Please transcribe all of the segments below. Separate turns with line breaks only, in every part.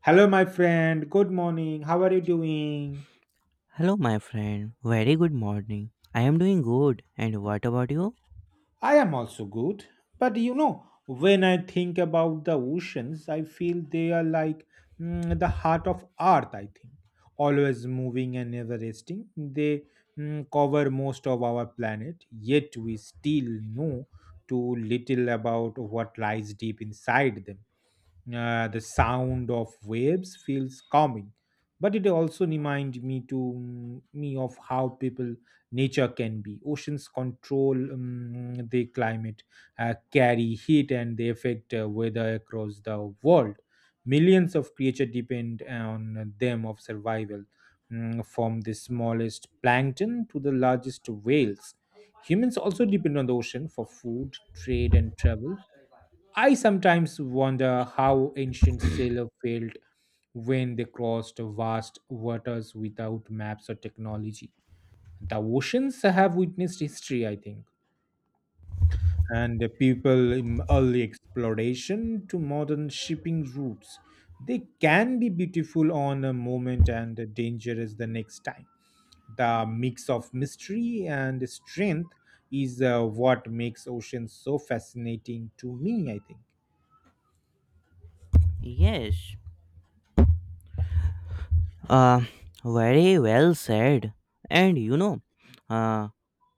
Hello, my friend. Good morning. How are you doing?
Hello, my friend. Very good morning. I am doing good. And what about you?
I am also good. But you know, when I think about the oceans, I feel they are like the heart of earth, I think. Always moving and never resting. They cover most of our planet, yet we still know too little about what lies deep inside them. The sound of waves feels calming, but it also reminds me of how people nature can be. Oceans control the climate, carry heat, and they affect weather across the world. Millions of creatures depend on them of survival, from the smallest plankton to the largest whales. Humans also depend on the ocean for food, trade, and travel. I sometimes wonder how ancient sailors felt when they crossed vast waters without maps or technology. The oceans have witnessed history, I think, and the people in early exploration to modern shipping routes. They can be beautiful on a moment and dangerous the next time. The mix of mystery and strength is what makes oceans so fascinating to me, I think.
Yes, Uh, very well said. And you know, uh,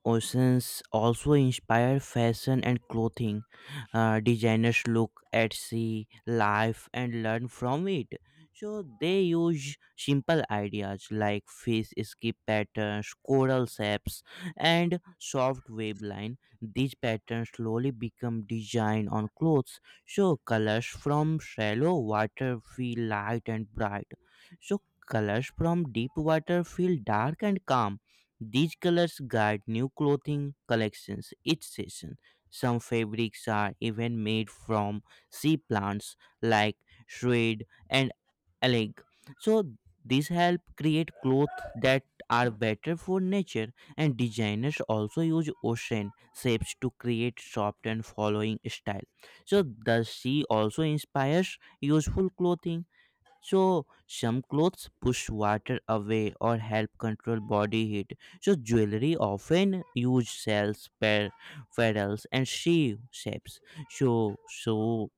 oceans also inspire fashion and clothing. Designers look at sea life and learn from it. So they use simple ideas like fish skip patterns, coral shapes, and soft wave line. These patterns slowly become design on clothes. So colors from shallow water feel light and bright. So colors from deep water feel dark and calm, these colors guide new clothing collections each season. Some fabrics are even made from sea plants like shred and algae. So these help create clothes that are better for nature, and designers also use ocean shapes to create soft and following style. So the sea also inspires useful clothing. So some clothes push water away or help control body heat. So jewelry often use cells, per petals, and she shapes. So so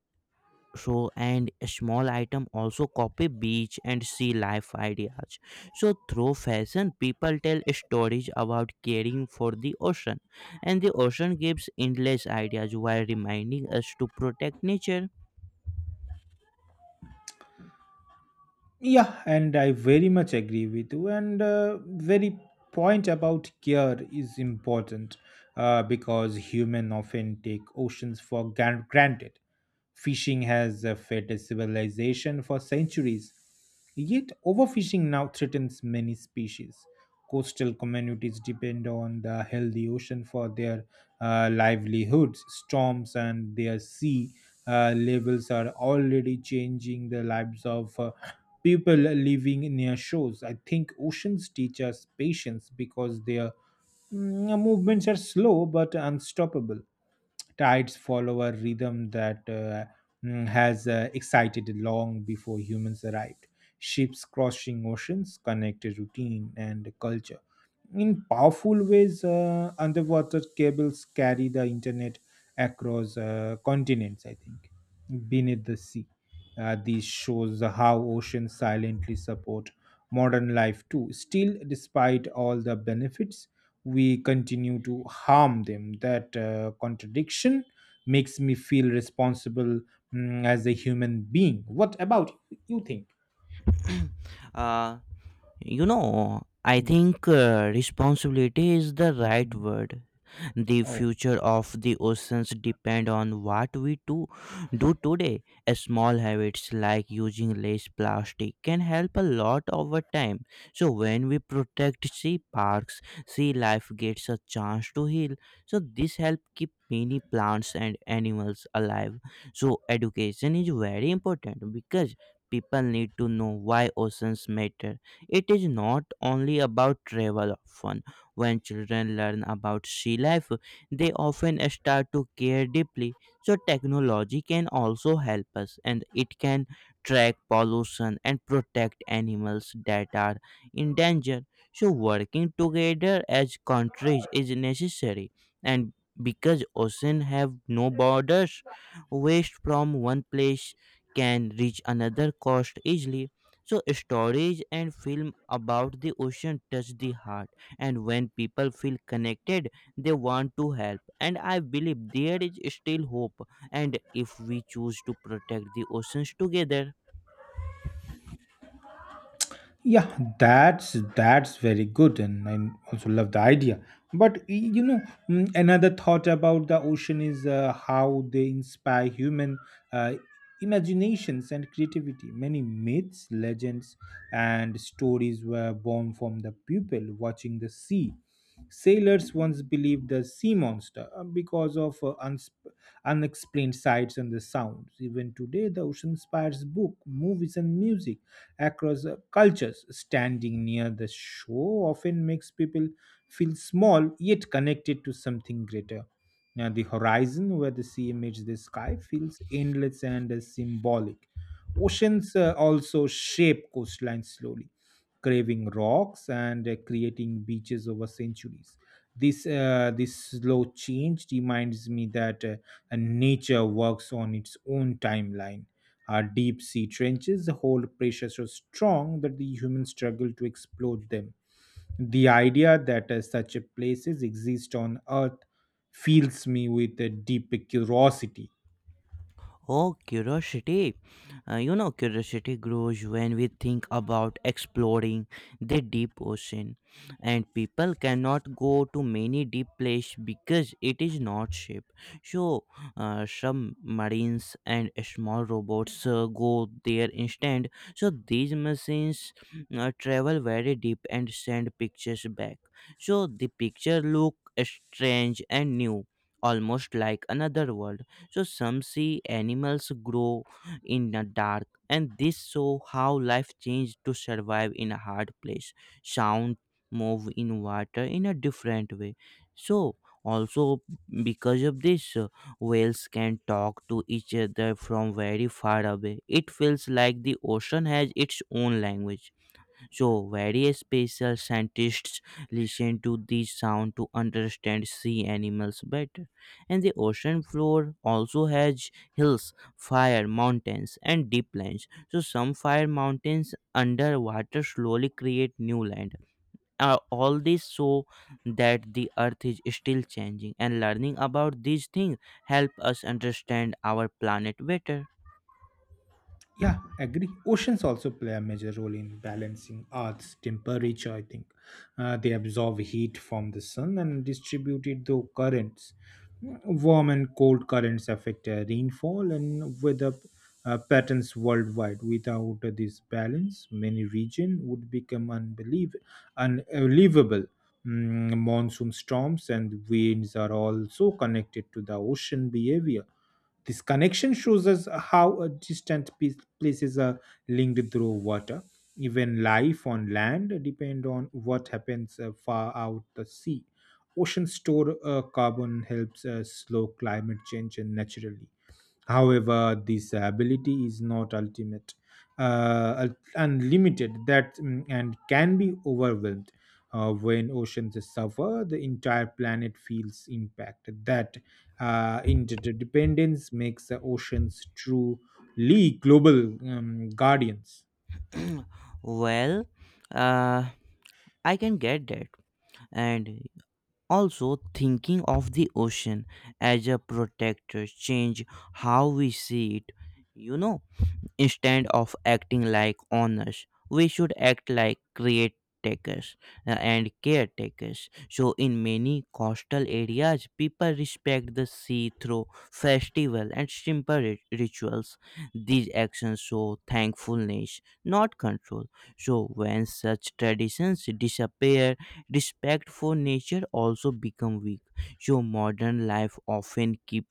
so and a small item also copy beach and sea life ideas. So through fashion, people tell stories about caring for the ocean, and the ocean gives endless ideas while reminding us to protect nature.
Yeah, and I very much agree with you. And very point about care is important because human often take oceans for granted. Fishing has fed a civilization for centuries. Yet, overfishing now threatens many species. Coastal communities depend on the healthy ocean for their livelihoods. Storms and their sea levels are already changing the lives of people living near shores. I think oceans teach us patience because their movements are slow but unstoppable. Tides follow a rhythm that has excited long before humans arrived. Ships crossing oceans connect routine and culture in powerful ways. Underwater cables carry the internet across continents, I think, beneath the sea. This shows how oceans silently support modern life too. Still, despite all the benefits, we continue to harm them. That contradiction makes me feel responsible as a human being. What about you think?
uh, You know, I
Mm,
think responsibility is the right
mm,
word. The
mm.
future of the oceans depend on what we do today. A small habits like using less plastic can help a lot over time. So when we protect sea parks, sea life gets a chance to heal. So this help keep many plants and animals alive. So education is very important because people need to know why oceans matter. It is not only about travel or fun. When children learn about sea life, they often start to care deeply. So, technology can also help us, and it can track pollution and protect animals that are in danger. So, working together as countries is necessary, and because oceans have no borders, waste from one place can reach another coast easily. So stories and film about the ocean touch the heart, and when people feel connected, they want to help. And I believe there is still hope, and if we choose to protect the oceans together.
Yeah, that's very good, and I also love the idea. But you know, another thought about the ocean is how they inspire human uh, imaginations and creativity. Many myths, legends, and stories were born from the people watching the sea. Sailors once believed the sea monster because of unexplained sights and the sounds. Even today, the ocean inspires book movies and music across cultures. Standing near the shore often makes people feel small yet connected to something greater. Now, the horizon where the sea meets the sky feels endless and symbolic. Oceans also shape coastline slowly, craving rocks and creating beaches over centuries. This slow change reminds me that nature works on its own timeline. Our deep sea trenches hold pressure so strong that the humans struggle to explode them. The idea that such a places exist on Earth fills me with a deep curiosity.
Oh, curiosity. You know, curiosity grows when we think about exploring the deep ocean. And people cannot go to many deep places because it is not ship. So, submarines and small robots go there instead. So, these machines travel very deep and send pictures back. So, the picture look strange and new, almost like another world. So some see animals grow in the dark, and this show how life changed to survive in a hard place. Sound move in water in a different way. So also because of this, whales can talk to each other from very far away. It feels like the ocean has its own language. So, various special scientists listen to this sound to understand sea animals better. And the ocean floor also has hills, fire mountains, and deep lands. So, some fire mountains underwater slowly create new land. All this so that the earth is still changing, and learning about these things help us understand our planet better.
Yeah, agree. Oceans also play a major role in balancing Earth's temperature, I think. They absorb heat from the sun and distribute it through currents. Warm and cold currents affect rainfall and weather patterns worldwide. Without this balance, many regions would become unbelievable. Monsoon storms and winds are also connected to the ocean behavior. This connection shows us how a places are linked through water. Even life on land depend on what happens far out the sea. Oceans store carbon helps slow climate change naturally. However, this ability is not ultimate, unlimited, and can be overwhelmed. When oceans suffer, the entire planet feels impacted. That interdependence makes the oceans truly global guardians.
Well, uh, I can get that. And also, thinking of the ocean as a protector change how we see it. You know, instead of acting like owners, we should act like caretakers and caretakers. So, in many coastal areas, people respect the sea through festival and simple rituals. These actions show thankfulness, not control. So, when such traditions disappear, respect for nature also become weak. So, modern life often keep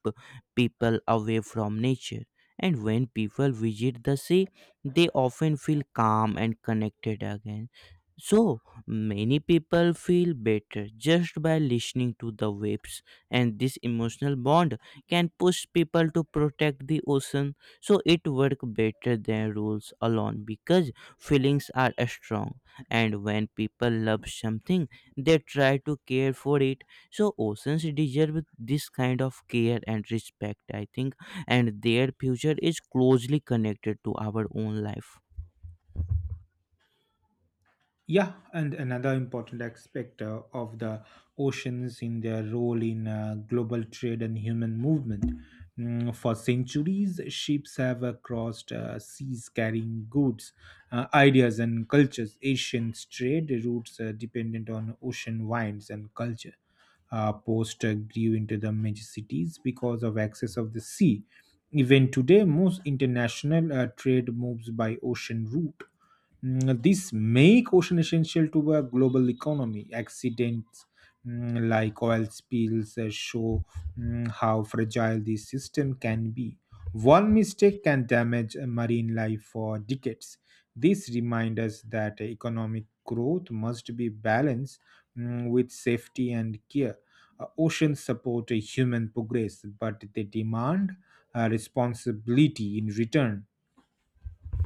people away from nature, and when people visit the sea, they often feel calm and connected again. So many people feel better just by listening to the waves, and this emotional bond can push people to protect the ocean. So it works better than rules alone because feelings are strong, and when people love something, they try to care for it. So oceans deserve this kind of care and respect, I think, and their future is closely connected to our own life.
Yeah, and another important aspect of the oceans in their role in global trade and human movement. For centuries, ships have crossed seas carrying goods, ideas, and cultures. Asians' trade routes are dependent on ocean winds and culture. Post grew into the major cities because of access of the sea. Even today, most international trade moves by ocean route. This make ocean essential to a global economy. Accidents like oil spills show how fragile this system can be. One mistake can damage marine life for decades. This reminds us that economic growth must be balanced with safety and care. Oceans support human progress, but they demand responsibility in return.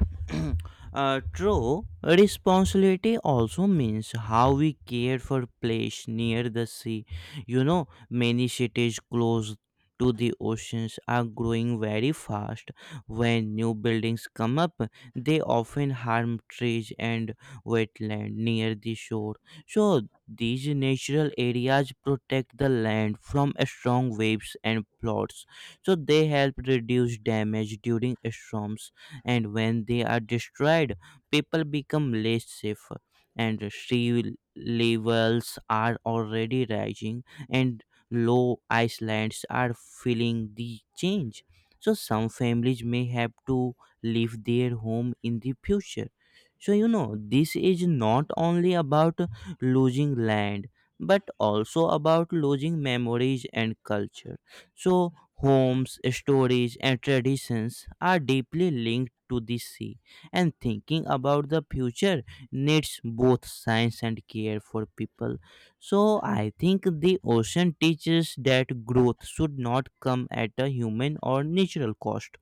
True, responsibility also means how we care for place near the sea. You know, many cities close to the oceans are growing very fast. When new buildings come up, they often harm trees and wetland near the shore. So these natural areas protect the land from strong waves and floods, so they help reduce damage during storms, and when they are destroyed, people become less safe. And sea levels are already rising, and low islands are feeling the change. So some families may have to leave their home in the future. So you know, this is not only about losing land, but also about losing memories and culture. So, homes, stories, and traditions are deeply linked to the sea, and thinking about the future needs both science and care for people. So, I think the ocean teaches that growth should not come at a human or natural cost.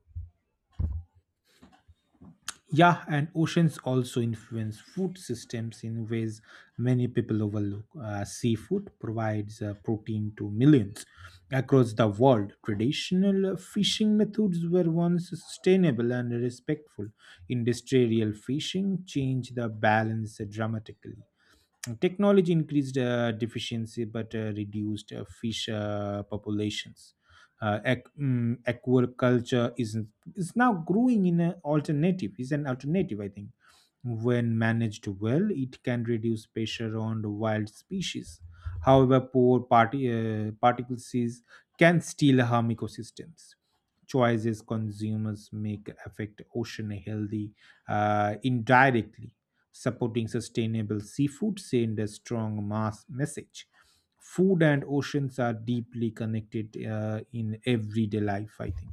Yeah, and oceans also influence food systems in ways many people overlook. Seafood provides protein to millions across the world. Traditional fishing methods were once sustainable and respectful. Industrial fishing changed the balance dramatically. Technology increased deficiency but reduced fish populations. Aquaculture is now growing in an alternative, is an alternative, I think. When managed well, it can reduce pressure on the wild species. However, poor party, particles can still harm ecosystems. Choices consumers make affect ocean healthy indirectly. Supporting sustainable seafood send a strong mass message. Food and oceans are deeply connected in everyday life, I think.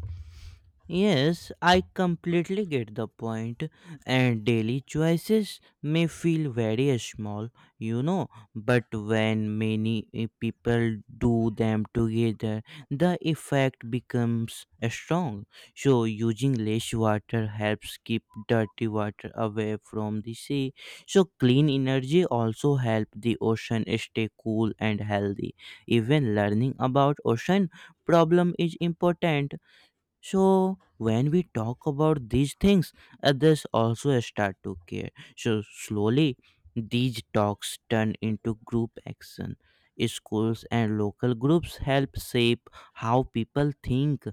Yes, I completely get the point, and daily choices may feel very small, you know, but when many people do them together, the effect becomes strong. So, using less water helps keep dirty water away from the sea. So, clean energy also help the ocean stay cool and healthy. Even learning about ocean problem is important. So when we talk about these things, others also start to care. So slowly these talks turn into group action. Schools and local groups help shape how people think.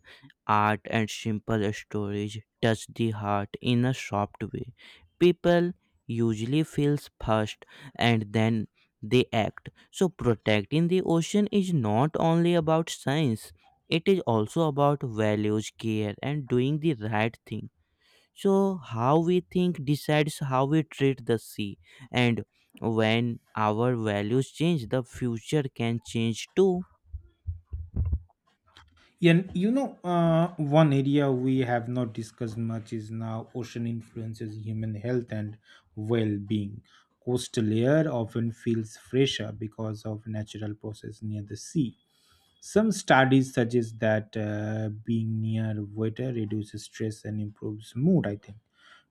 Art and simple stories touch the heart in a soft way. People usually feel first, and then they act. So protecting the ocean is not only about science, it is also about values, care, and doing the right thing. So how we think decides how we treat the sea, and when our values change, the future can change too.
And you know, one area we have not discussed much is now ocean influences human health and well being. Coastal air often feels fresher because of natural process near the sea. Some studies suggest that being near water reduces stress and improves mood, I think.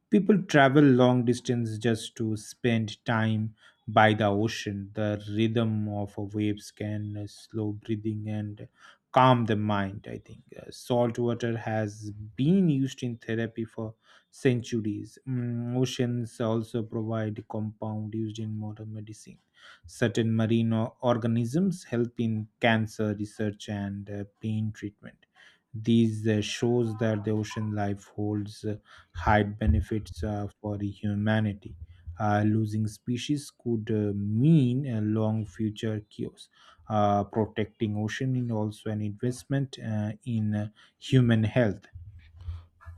People travel long distance just to spend time by the ocean. The rhythm of waves can slow breathing and calm the mind, I think. Salt water has been used in therapy for centuries. Oceans also provide compound used in modern medicine. Certain marine organisms help in cancer research and pain treatment. These shows that the ocean life holds hide benefits for the humanity. Losing species could mean a long future chaos. Protecting ocean is also an investment in human health.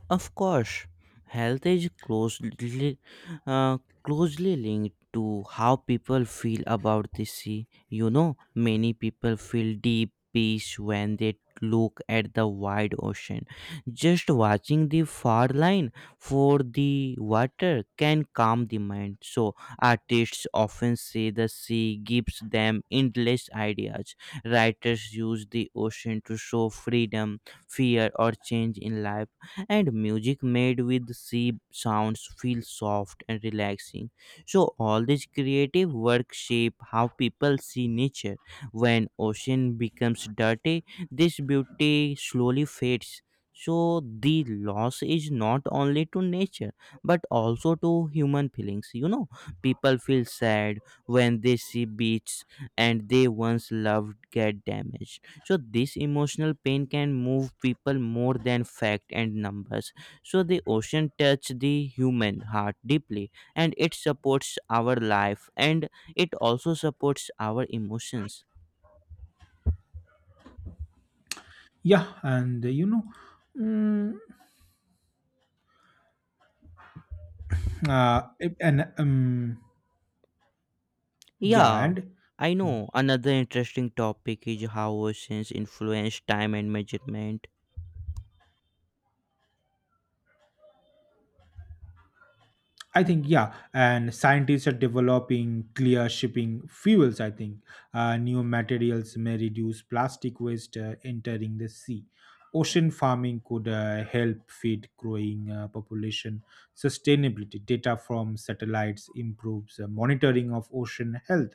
Of course, health is closely uh, closely linked to how people feel about the sea. You know, many people feel deep peace when they look at the wide ocean. Just watching the far line for the water can calm the mind. So, artists often say the sea gives them endless ideas. Writers use the ocean to show freedom, fear, or change in life, and music made with sea sounds feel soft and relaxing. So all these creative work shape how people see nature. When ocean becomes dirty, this beauty slowly fades. So the loss is not only to nature but also to human feelings. You know, people feel sad when they see beaches and they once loved get damaged. So this emotional pain can move people more than fact and numbers. So the ocean touch the human heart deeply, and it supports our life, and it also supports our emotions.
Yeah, and you know, mm, it- and yeah,
Yeah,
and
I know another interesting topic is how oceans influence time and measurement.
I think yeah, and scientists are developing clear shipping fuels, I think. New materials may reduce plastic waste entering the sea. Ocean farming could help feed growing population. Sustainability data from satellites improves monitoring of ocean health.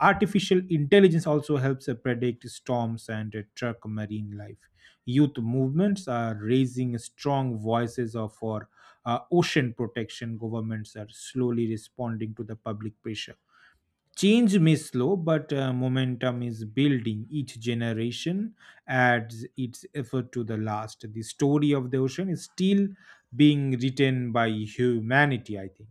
Artificial intelligence also helps predict storms and track marine life. Youth movements are raising strong voices of for ocean protection. Governments are slowly responding to the public pressure. Change may slow, but momentum is building. Each generation adds its effort to the last. The story of the ocean is still being written by humanity, I think.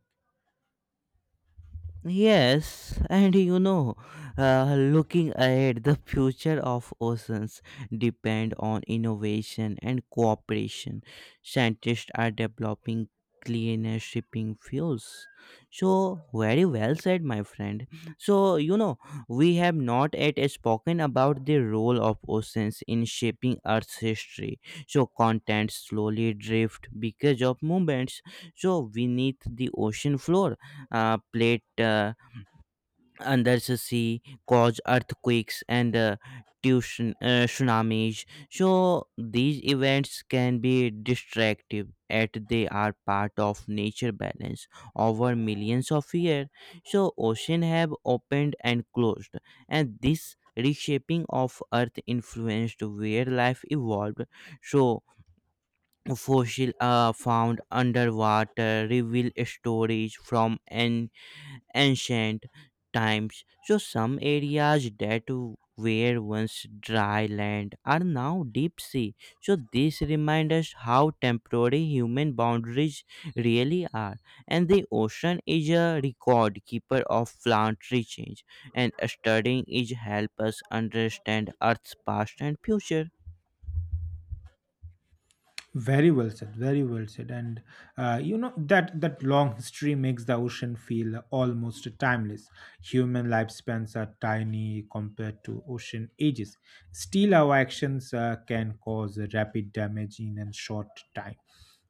Yes, and you know, looking ahead, the future of oceans depend on innovation and cooperation. Scientists are developing cleaner shipping fuels. So, very well said, my friend. So, you know, we have not yet spoken about the role of oceans in shaping Earth's history. So, continents slowly drift because of movements. So, we need the ocean floor plate under the sea, cause earthquakes and tsunamis. So these events can be destructive, yet they are part of nature balance over millions of years. So oceans have opened and closed, and this reshaping of Earth influenced where life evolved. So fossil found underwater reveal stories from ancient times. So some areas that were once dry land are now deep sea. So this reminds us how temporary human boundaries really are. And the ocean is a record keeper of planetary change, and studying it help us understand Earth's past and future.
Very well said. Very well said. And you know, that long history makes the ocean feel almost timeless. Human lifespans are tiny compared to ocean ages. Still, our actions can cause rapid damage in a short time.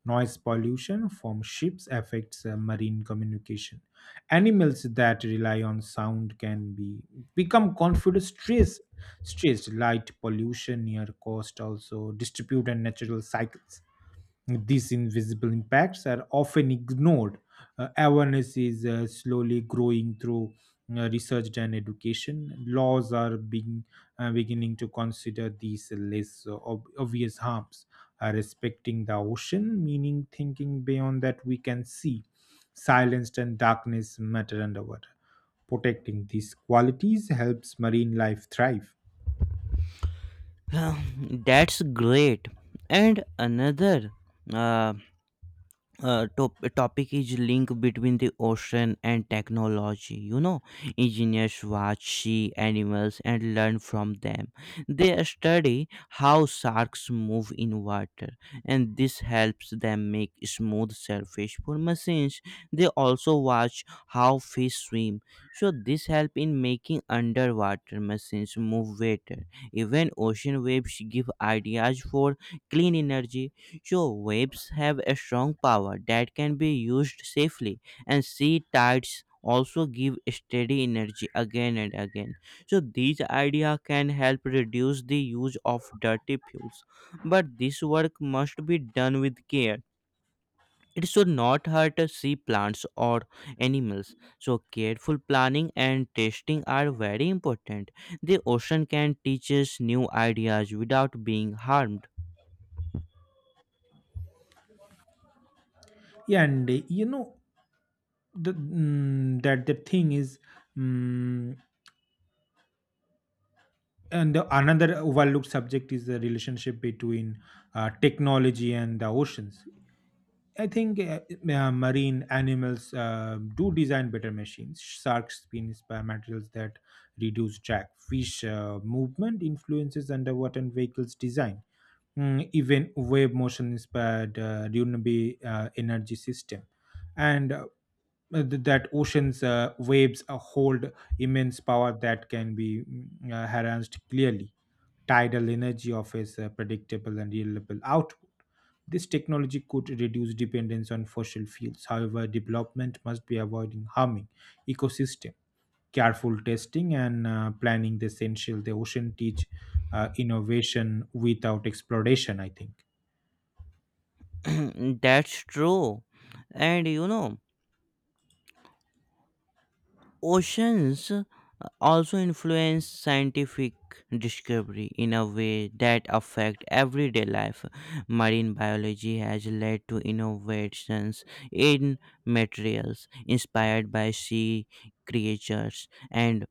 Noise pollution from ships affects marine communication. Animals that rely on sound can be become confused, stressed. Stress, light pollution near coast, also distribute and natural cycles. These invisible impacts are often ignored. Awareness is slowly growing through research and education. Laws are being beginning to consider these less obvious harms. Respecting the ocean, meaning thinking beyond that we can see. Silence and darkness matter underwater. Protecting these qualities helps marine life thrive.
That's great. And another. Uh, Topic is link between the ocean and technology. You know, engineers watch sea animals and learn from them. They study how sharks move in water, and this helps them make smooth surface for machines. They also watch how fish swim, so this help in making underwater machines move better. Even ocean waves give ideas for clean energy. So waves have a strong power that can be used safely, and sea tides also give steady energy again and again. So these ideas can help reduce the use of dirty fuels, but this work must be done with care. It should not hurt sea plants or animals. So careful planning and testing are very important. The ocean can teach us new ideas without being harmed.
Yeah, and you know, the thing is, mm, another overlooked subject is the relationship between technology and the oceans. I think marine animals do design better machines. Sharks spin by materials that reduce drag. Fish movement influences underwater vehicles design. Even wave motion inspired renewable energy system, and that oceans waves hold immense power that can be harnessed clearly. Tidal energy offers a predictable and reliable output. This technology could reduce dependence on fossil fuels. However, development must be avoiding harming ecosystem. Careful testing and planning is essential. The ocean teach innovation without exploration, I think.
That's true. And you know, oceans also influence scientific discovery in a way that affect everyday life. Marine biology has led to innovations in materials inspired by sea creatures and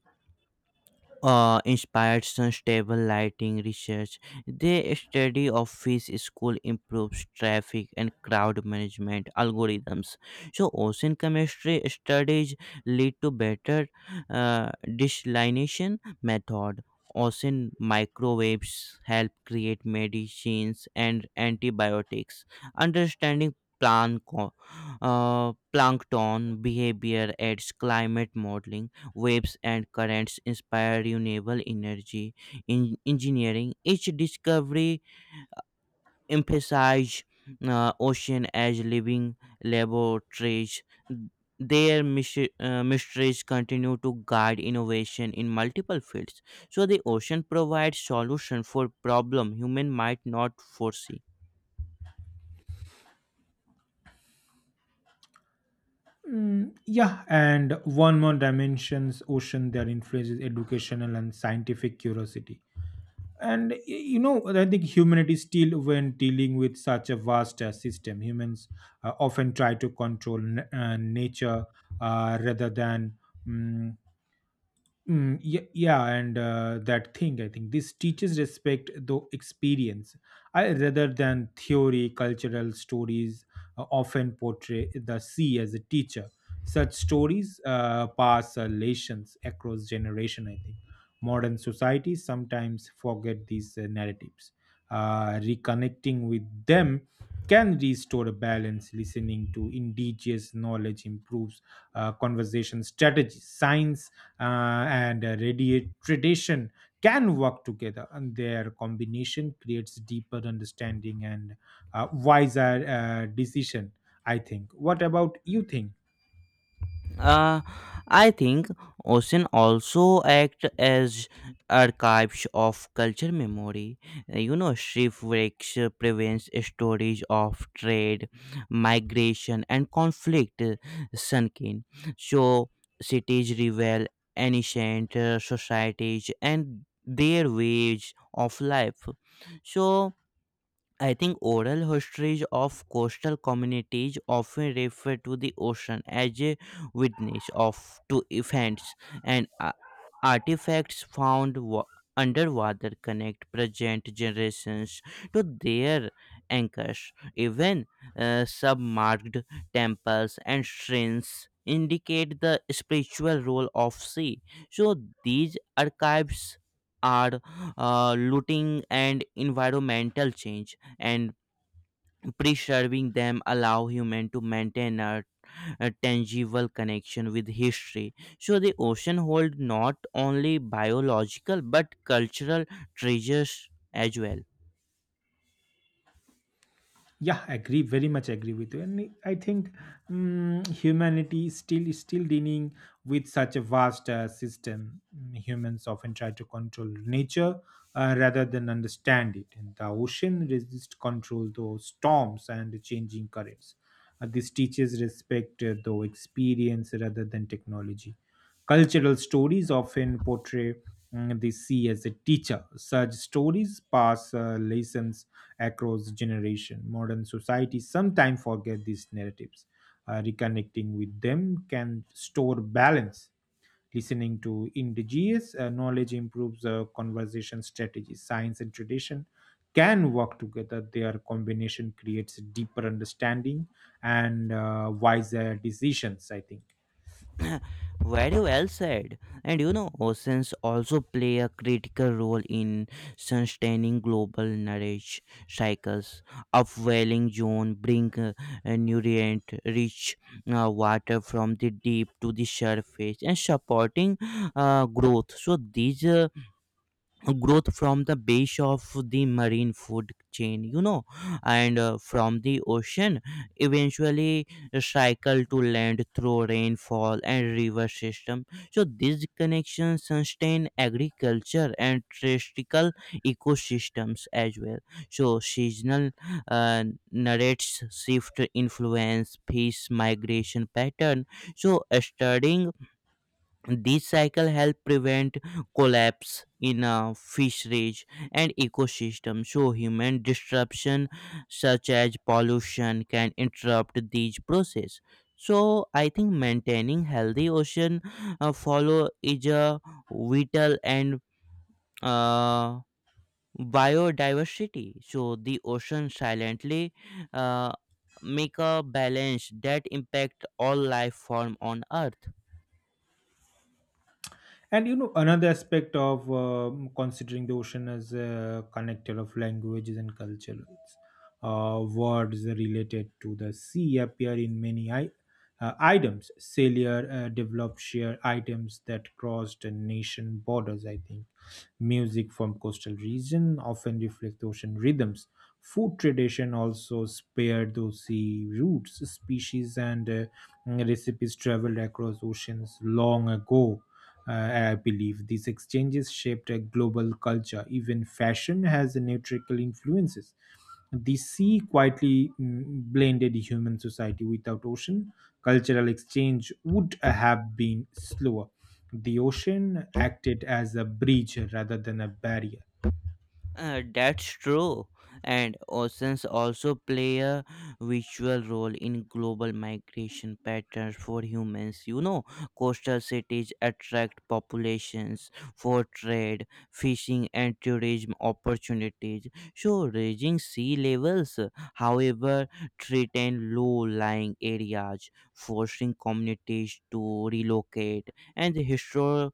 inspired stable lighting research. They study of fish school improves traffic and crowd management algorithms. So ocean chemistry studies lead to better desalination method. Ocean microwaves help create medicines and antibiotics. Understanding planko- plankton behavior aids climate modeling waves and currents inspired renewable energy in engineering. Each discovery emphasized ocean as living laboratories. Their mysteries continue to guide innovation in multiple fields. So the ocean provides solution for problem human might not foresee.
Yeah, and one more dimensions ocean that influences educational and scientific curiosity. And you know, I think humanity still, when dealing with such a vast system, humans often try to control nature rather than mm, yeah, yeah, and that thing, I think this teaches respect though experience I, rather than theory. Cultural stories often portray the sea as a teacher. Such stories pass lessons across generation, I think. Modern societies sometimes forget these narratives. Reconnecting with them can restore a balance. Listening to indigenous knowledge improves conversation strategies. Science and radiate tradition can work together, and their combination creates deeper understanding and wiser decision, I think. What about you think?
Uh, I think ocean also act as archives of culture memory. You know, shipwrecks prevents storage of trade, migration, and conflict sunk in. So cities reveal ancient societies and their ways of life. So I think oral histories of coastal communities often refer to the ocean as a witness of to events and artifacts found underwater connect present generations to their anchors. Even submarked temples and shrines indicate the spiritual role of sea. So these archives are looting and environmental change and preserving them allow human to maintain a tangible connection with history so the ocean hold not only biological but cultural treasures as well
Yeah, agree, very much agree with you. And I think, humanity is still dealing with such a vast system. Humans often try to control nature rather than understand it, and the ocean resists control through storms and changing currents. This teaches respect though experience rather than technology. Cultural stories often portray the sea as a teacher. Such stories pass lessons across generation. Modern societies sometimes forget these narratives. Reconnecting with them can store balance. Listening to indigenous knowledge improves conversation strategies. Science and tradition can work together. Their combination creates deeper understanding and wiser decisions, I think.
Very well said. And you know, oceans also play a critical role in sustaining global knowledge cycles. Upwelling zone bring nutrient rich water from the deep to the surface and supporting growth. So these growth from the base of the marine food chain, you know, and from the ocean eventually cycle to land through rainfall and river system so these connections sustain agriculture and terrestrial ecosystems as well. So seasonal uh, narrates shift influence fish migration pattern so studying these cycle help prevent collapse in a fisheries and ecosystem. So human disruption such as pollution can interrupt these process. So I think maintaining healthy ocean follow is a vital and uh, biodiversity. So the ocean silently uh, make a balance that impact all life form on earth.
And you know, another aspect of considering the ocean as a connector of languages and culture, it's, words related to the sea appear in many items. Sailor developed shared items that crossed nation borders, I think. Music from coastal region often reflect ocean rhythms. Food tradition also spared those sea routes. Species and recipes traveled across oceans long ago. I believe these exchanges shaped a global culture. Even fashion has nutritional influences. The sea quietly blended human society. Without ocean, cultural exchange would have been slower. The ocean acted as a bridge rather than a barrier.
That's true. And oceans also play a visual role in global migration patterns for humans. You know, coastal cities attract populations for trade, fishing, and tourism opportunities. So, raising sea levels, however, threaten low lying areas, forcing communities to relocate. And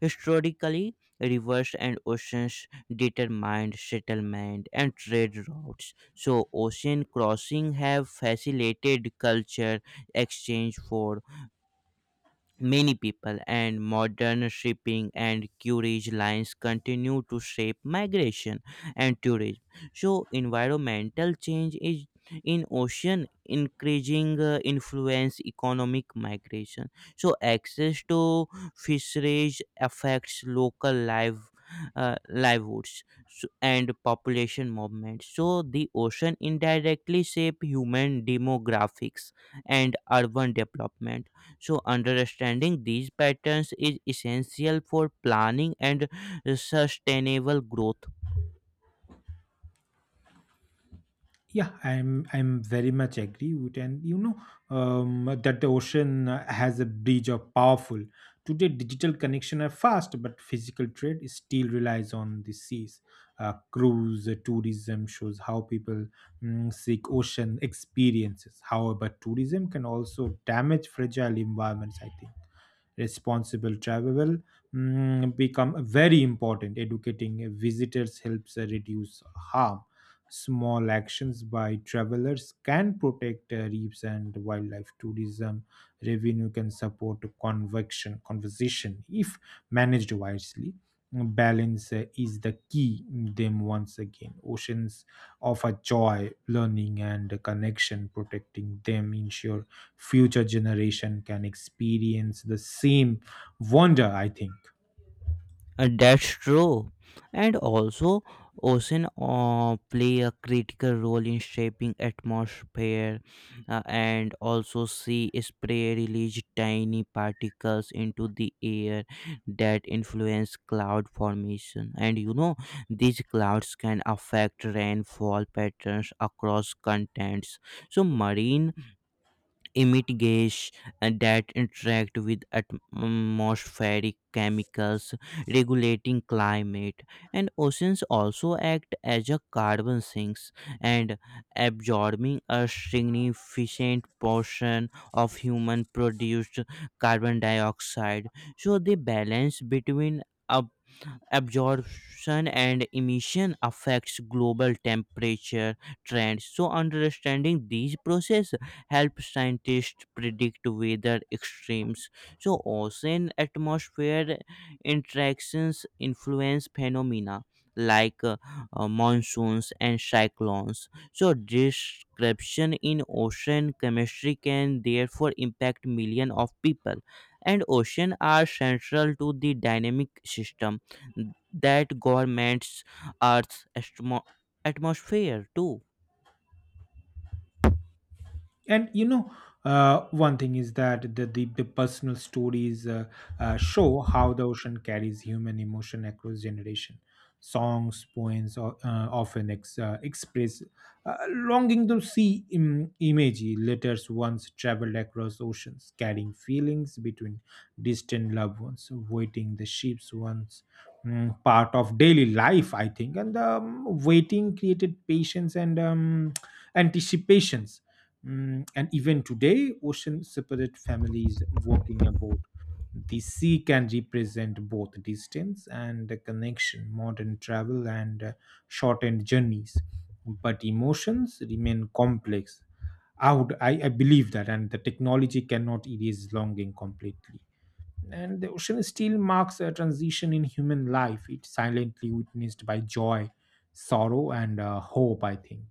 historically, rivers and oceans determined settlement and trade routes. So ocean crossing have facilitated culture exchange for many people and modern shipping and courage lines continue to shape migration and tourism. So, environmental change is in ocean increasing influence economic migration. So, access to fisheries affects local life. Livelihoods and population movement so the ocean indirectly shape human demographics and urban development so, understanding these patterns is essential for planning and sustainable growth.
Yeah, I'm very much agree with. And you know, that the ocean has a bridge of powerful. Today, digital connection are fast, but physical trade is still relies on the seas. Cruise tourism shows how people seek ocean experiences. However, tourism can also damage fragile environments, I think. Responsible travel become very important. Educating visitors helps reduce harm. Small actions by travelers can protect reefs and wildlife. Tourism revenue can support convection conservation, if managed wisely. Balance is the key. Them once again, oceans offer joy, learning and connection. Protecting them ensure future generation can experience the same wonder, I think.
And that's true. And also, ocean play a critical role in shaping atmosphere, and also sea spray release tiny particles into the air that influence cloud formation. And you know, these clouds can affect rainfall patterns across continents. So, marine emit gas and that interact with atmospheric chemicals regulating climate and oceans also act as a carbon sinks and absorbing a significant portion of human produced carbon dioxide so the balance between absorption and emission affects global temperature trends so understanding these processes helps scientists predict weather extremes so ocean atmosphere interactions influence phenomena like monsoons and cyclones so description in ocean chemistry can therefore impact millions of people and oceans are central to the dynamic system that governments Earth's atmosphere too.
And you know, one thing is that the personal stories show how the ocean carries human emotion across generation. Songs, poems often express longing to see. Image letters once traveled across oceans carrying feelings between distant loved ones. Waiting the ships once part of daily life, I think. And waiting created patience and anticipations. And even today, ocean separate families walking aboard. The sea can represent both distance and the connection. Modern travel and shortened journeys. But emotions remain complex. I believe that, and the technology cannot erase longing completely. And the ocean still marks a transition in human life. It's silently witnessed by joy, sorrow, and hope, I think.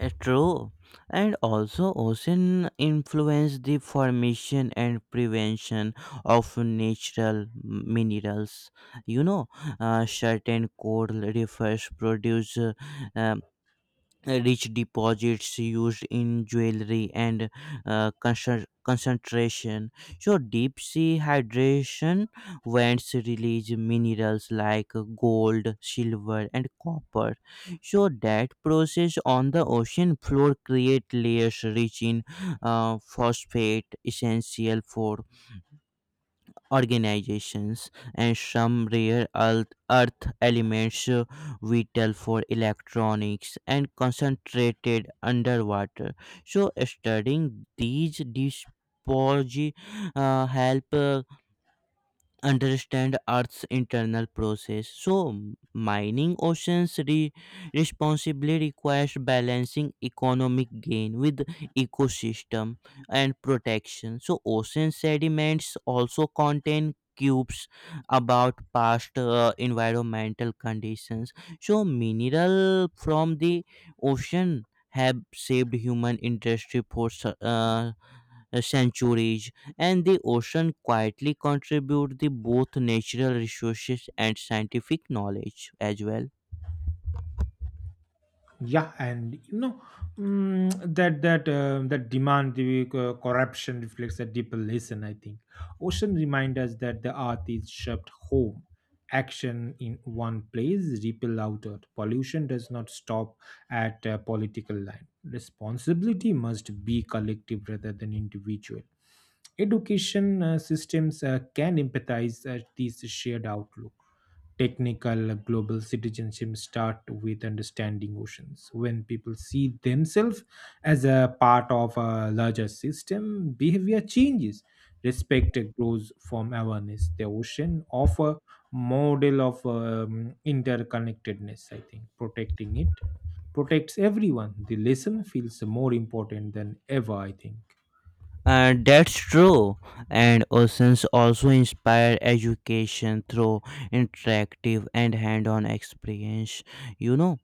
True, and also ocean influence the formation and prevention of natural minerals. You know, certain coral reefs produce uh, rich deposits used in jewelry and concentration. So, deep sea hydration vents release minerals like gold, silver, and copper. So, that process on the ocean floor create layers rich in phosphate, essential for organizations and some rare earth elements vital for electronics and concentrated underwater. So, studying these disposi help understand Earth's internal process. So, mining oceans responsibly requires balancing economic gain with ecosystem and protection. So, ocean sediments also contain cubes about past environmental conditions. So, mineral from the ocean have saved human industry for centuries and the ocean quietly contribute the both natural resources and scientific knowledge as well.
Yeah, and you know, that demand the corruption reflects a deeper lesson, I think. Ocean remind us that the earth is shaped home. Action in one place ripple outward. Pollution does not stop at a political line. Responsibility must be collective rather than individual. Education systems can empathize at this shared outlook. Technical global citizenship start with understanding oceans. When people see themselves as a part of a larger system, behavior changes. Respect grows from awareness. The ocean offer model of interconnectedness, I think. Protecting it protects everyone. The lesson feels more important than ever, I think.
And that's true. And oceans also inspire education through interactive and hand-on experience. You know,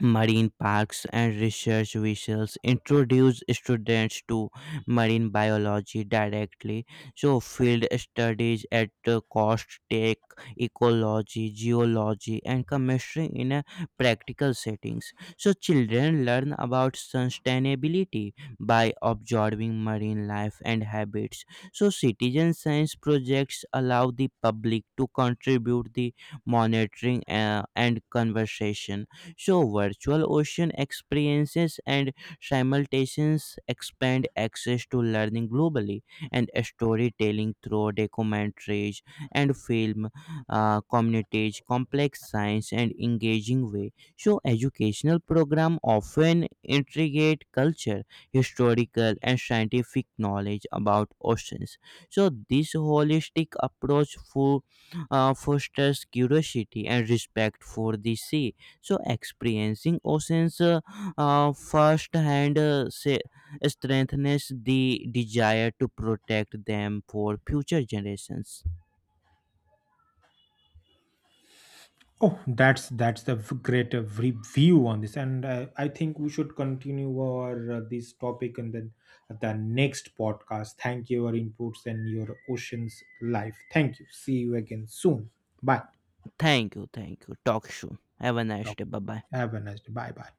marine parks and research vessels introduce students to marine biology directly so field studies at the cost take ecology geology and chemistry in a practical settings so children learn about sustainability by observing marine life and habits so citizen science projects allow the public to contribute the monitoring and conversation so, virtual ocean experiences and simultaneous expand access to learning globally, and storytelling through documentaries and film communities, complex science, and engaging way. So, educational program often integrate culture, historical, and scientific knowledge about oceans. So, this holistic approach for fosters curiosity and respect for the sea so experiencing oceans firsthand strengthens the desire to protect them for future generations.
Oh, that's the great view on this, and I think we should continue our this topic and then the next podcast. Thank you your inputs and your oceans life. Thank you. See you again soon. Bye.
Thank you, thank you. Talk soon. Have a nice day. Bye bye.
Have a nice day. Bye bye.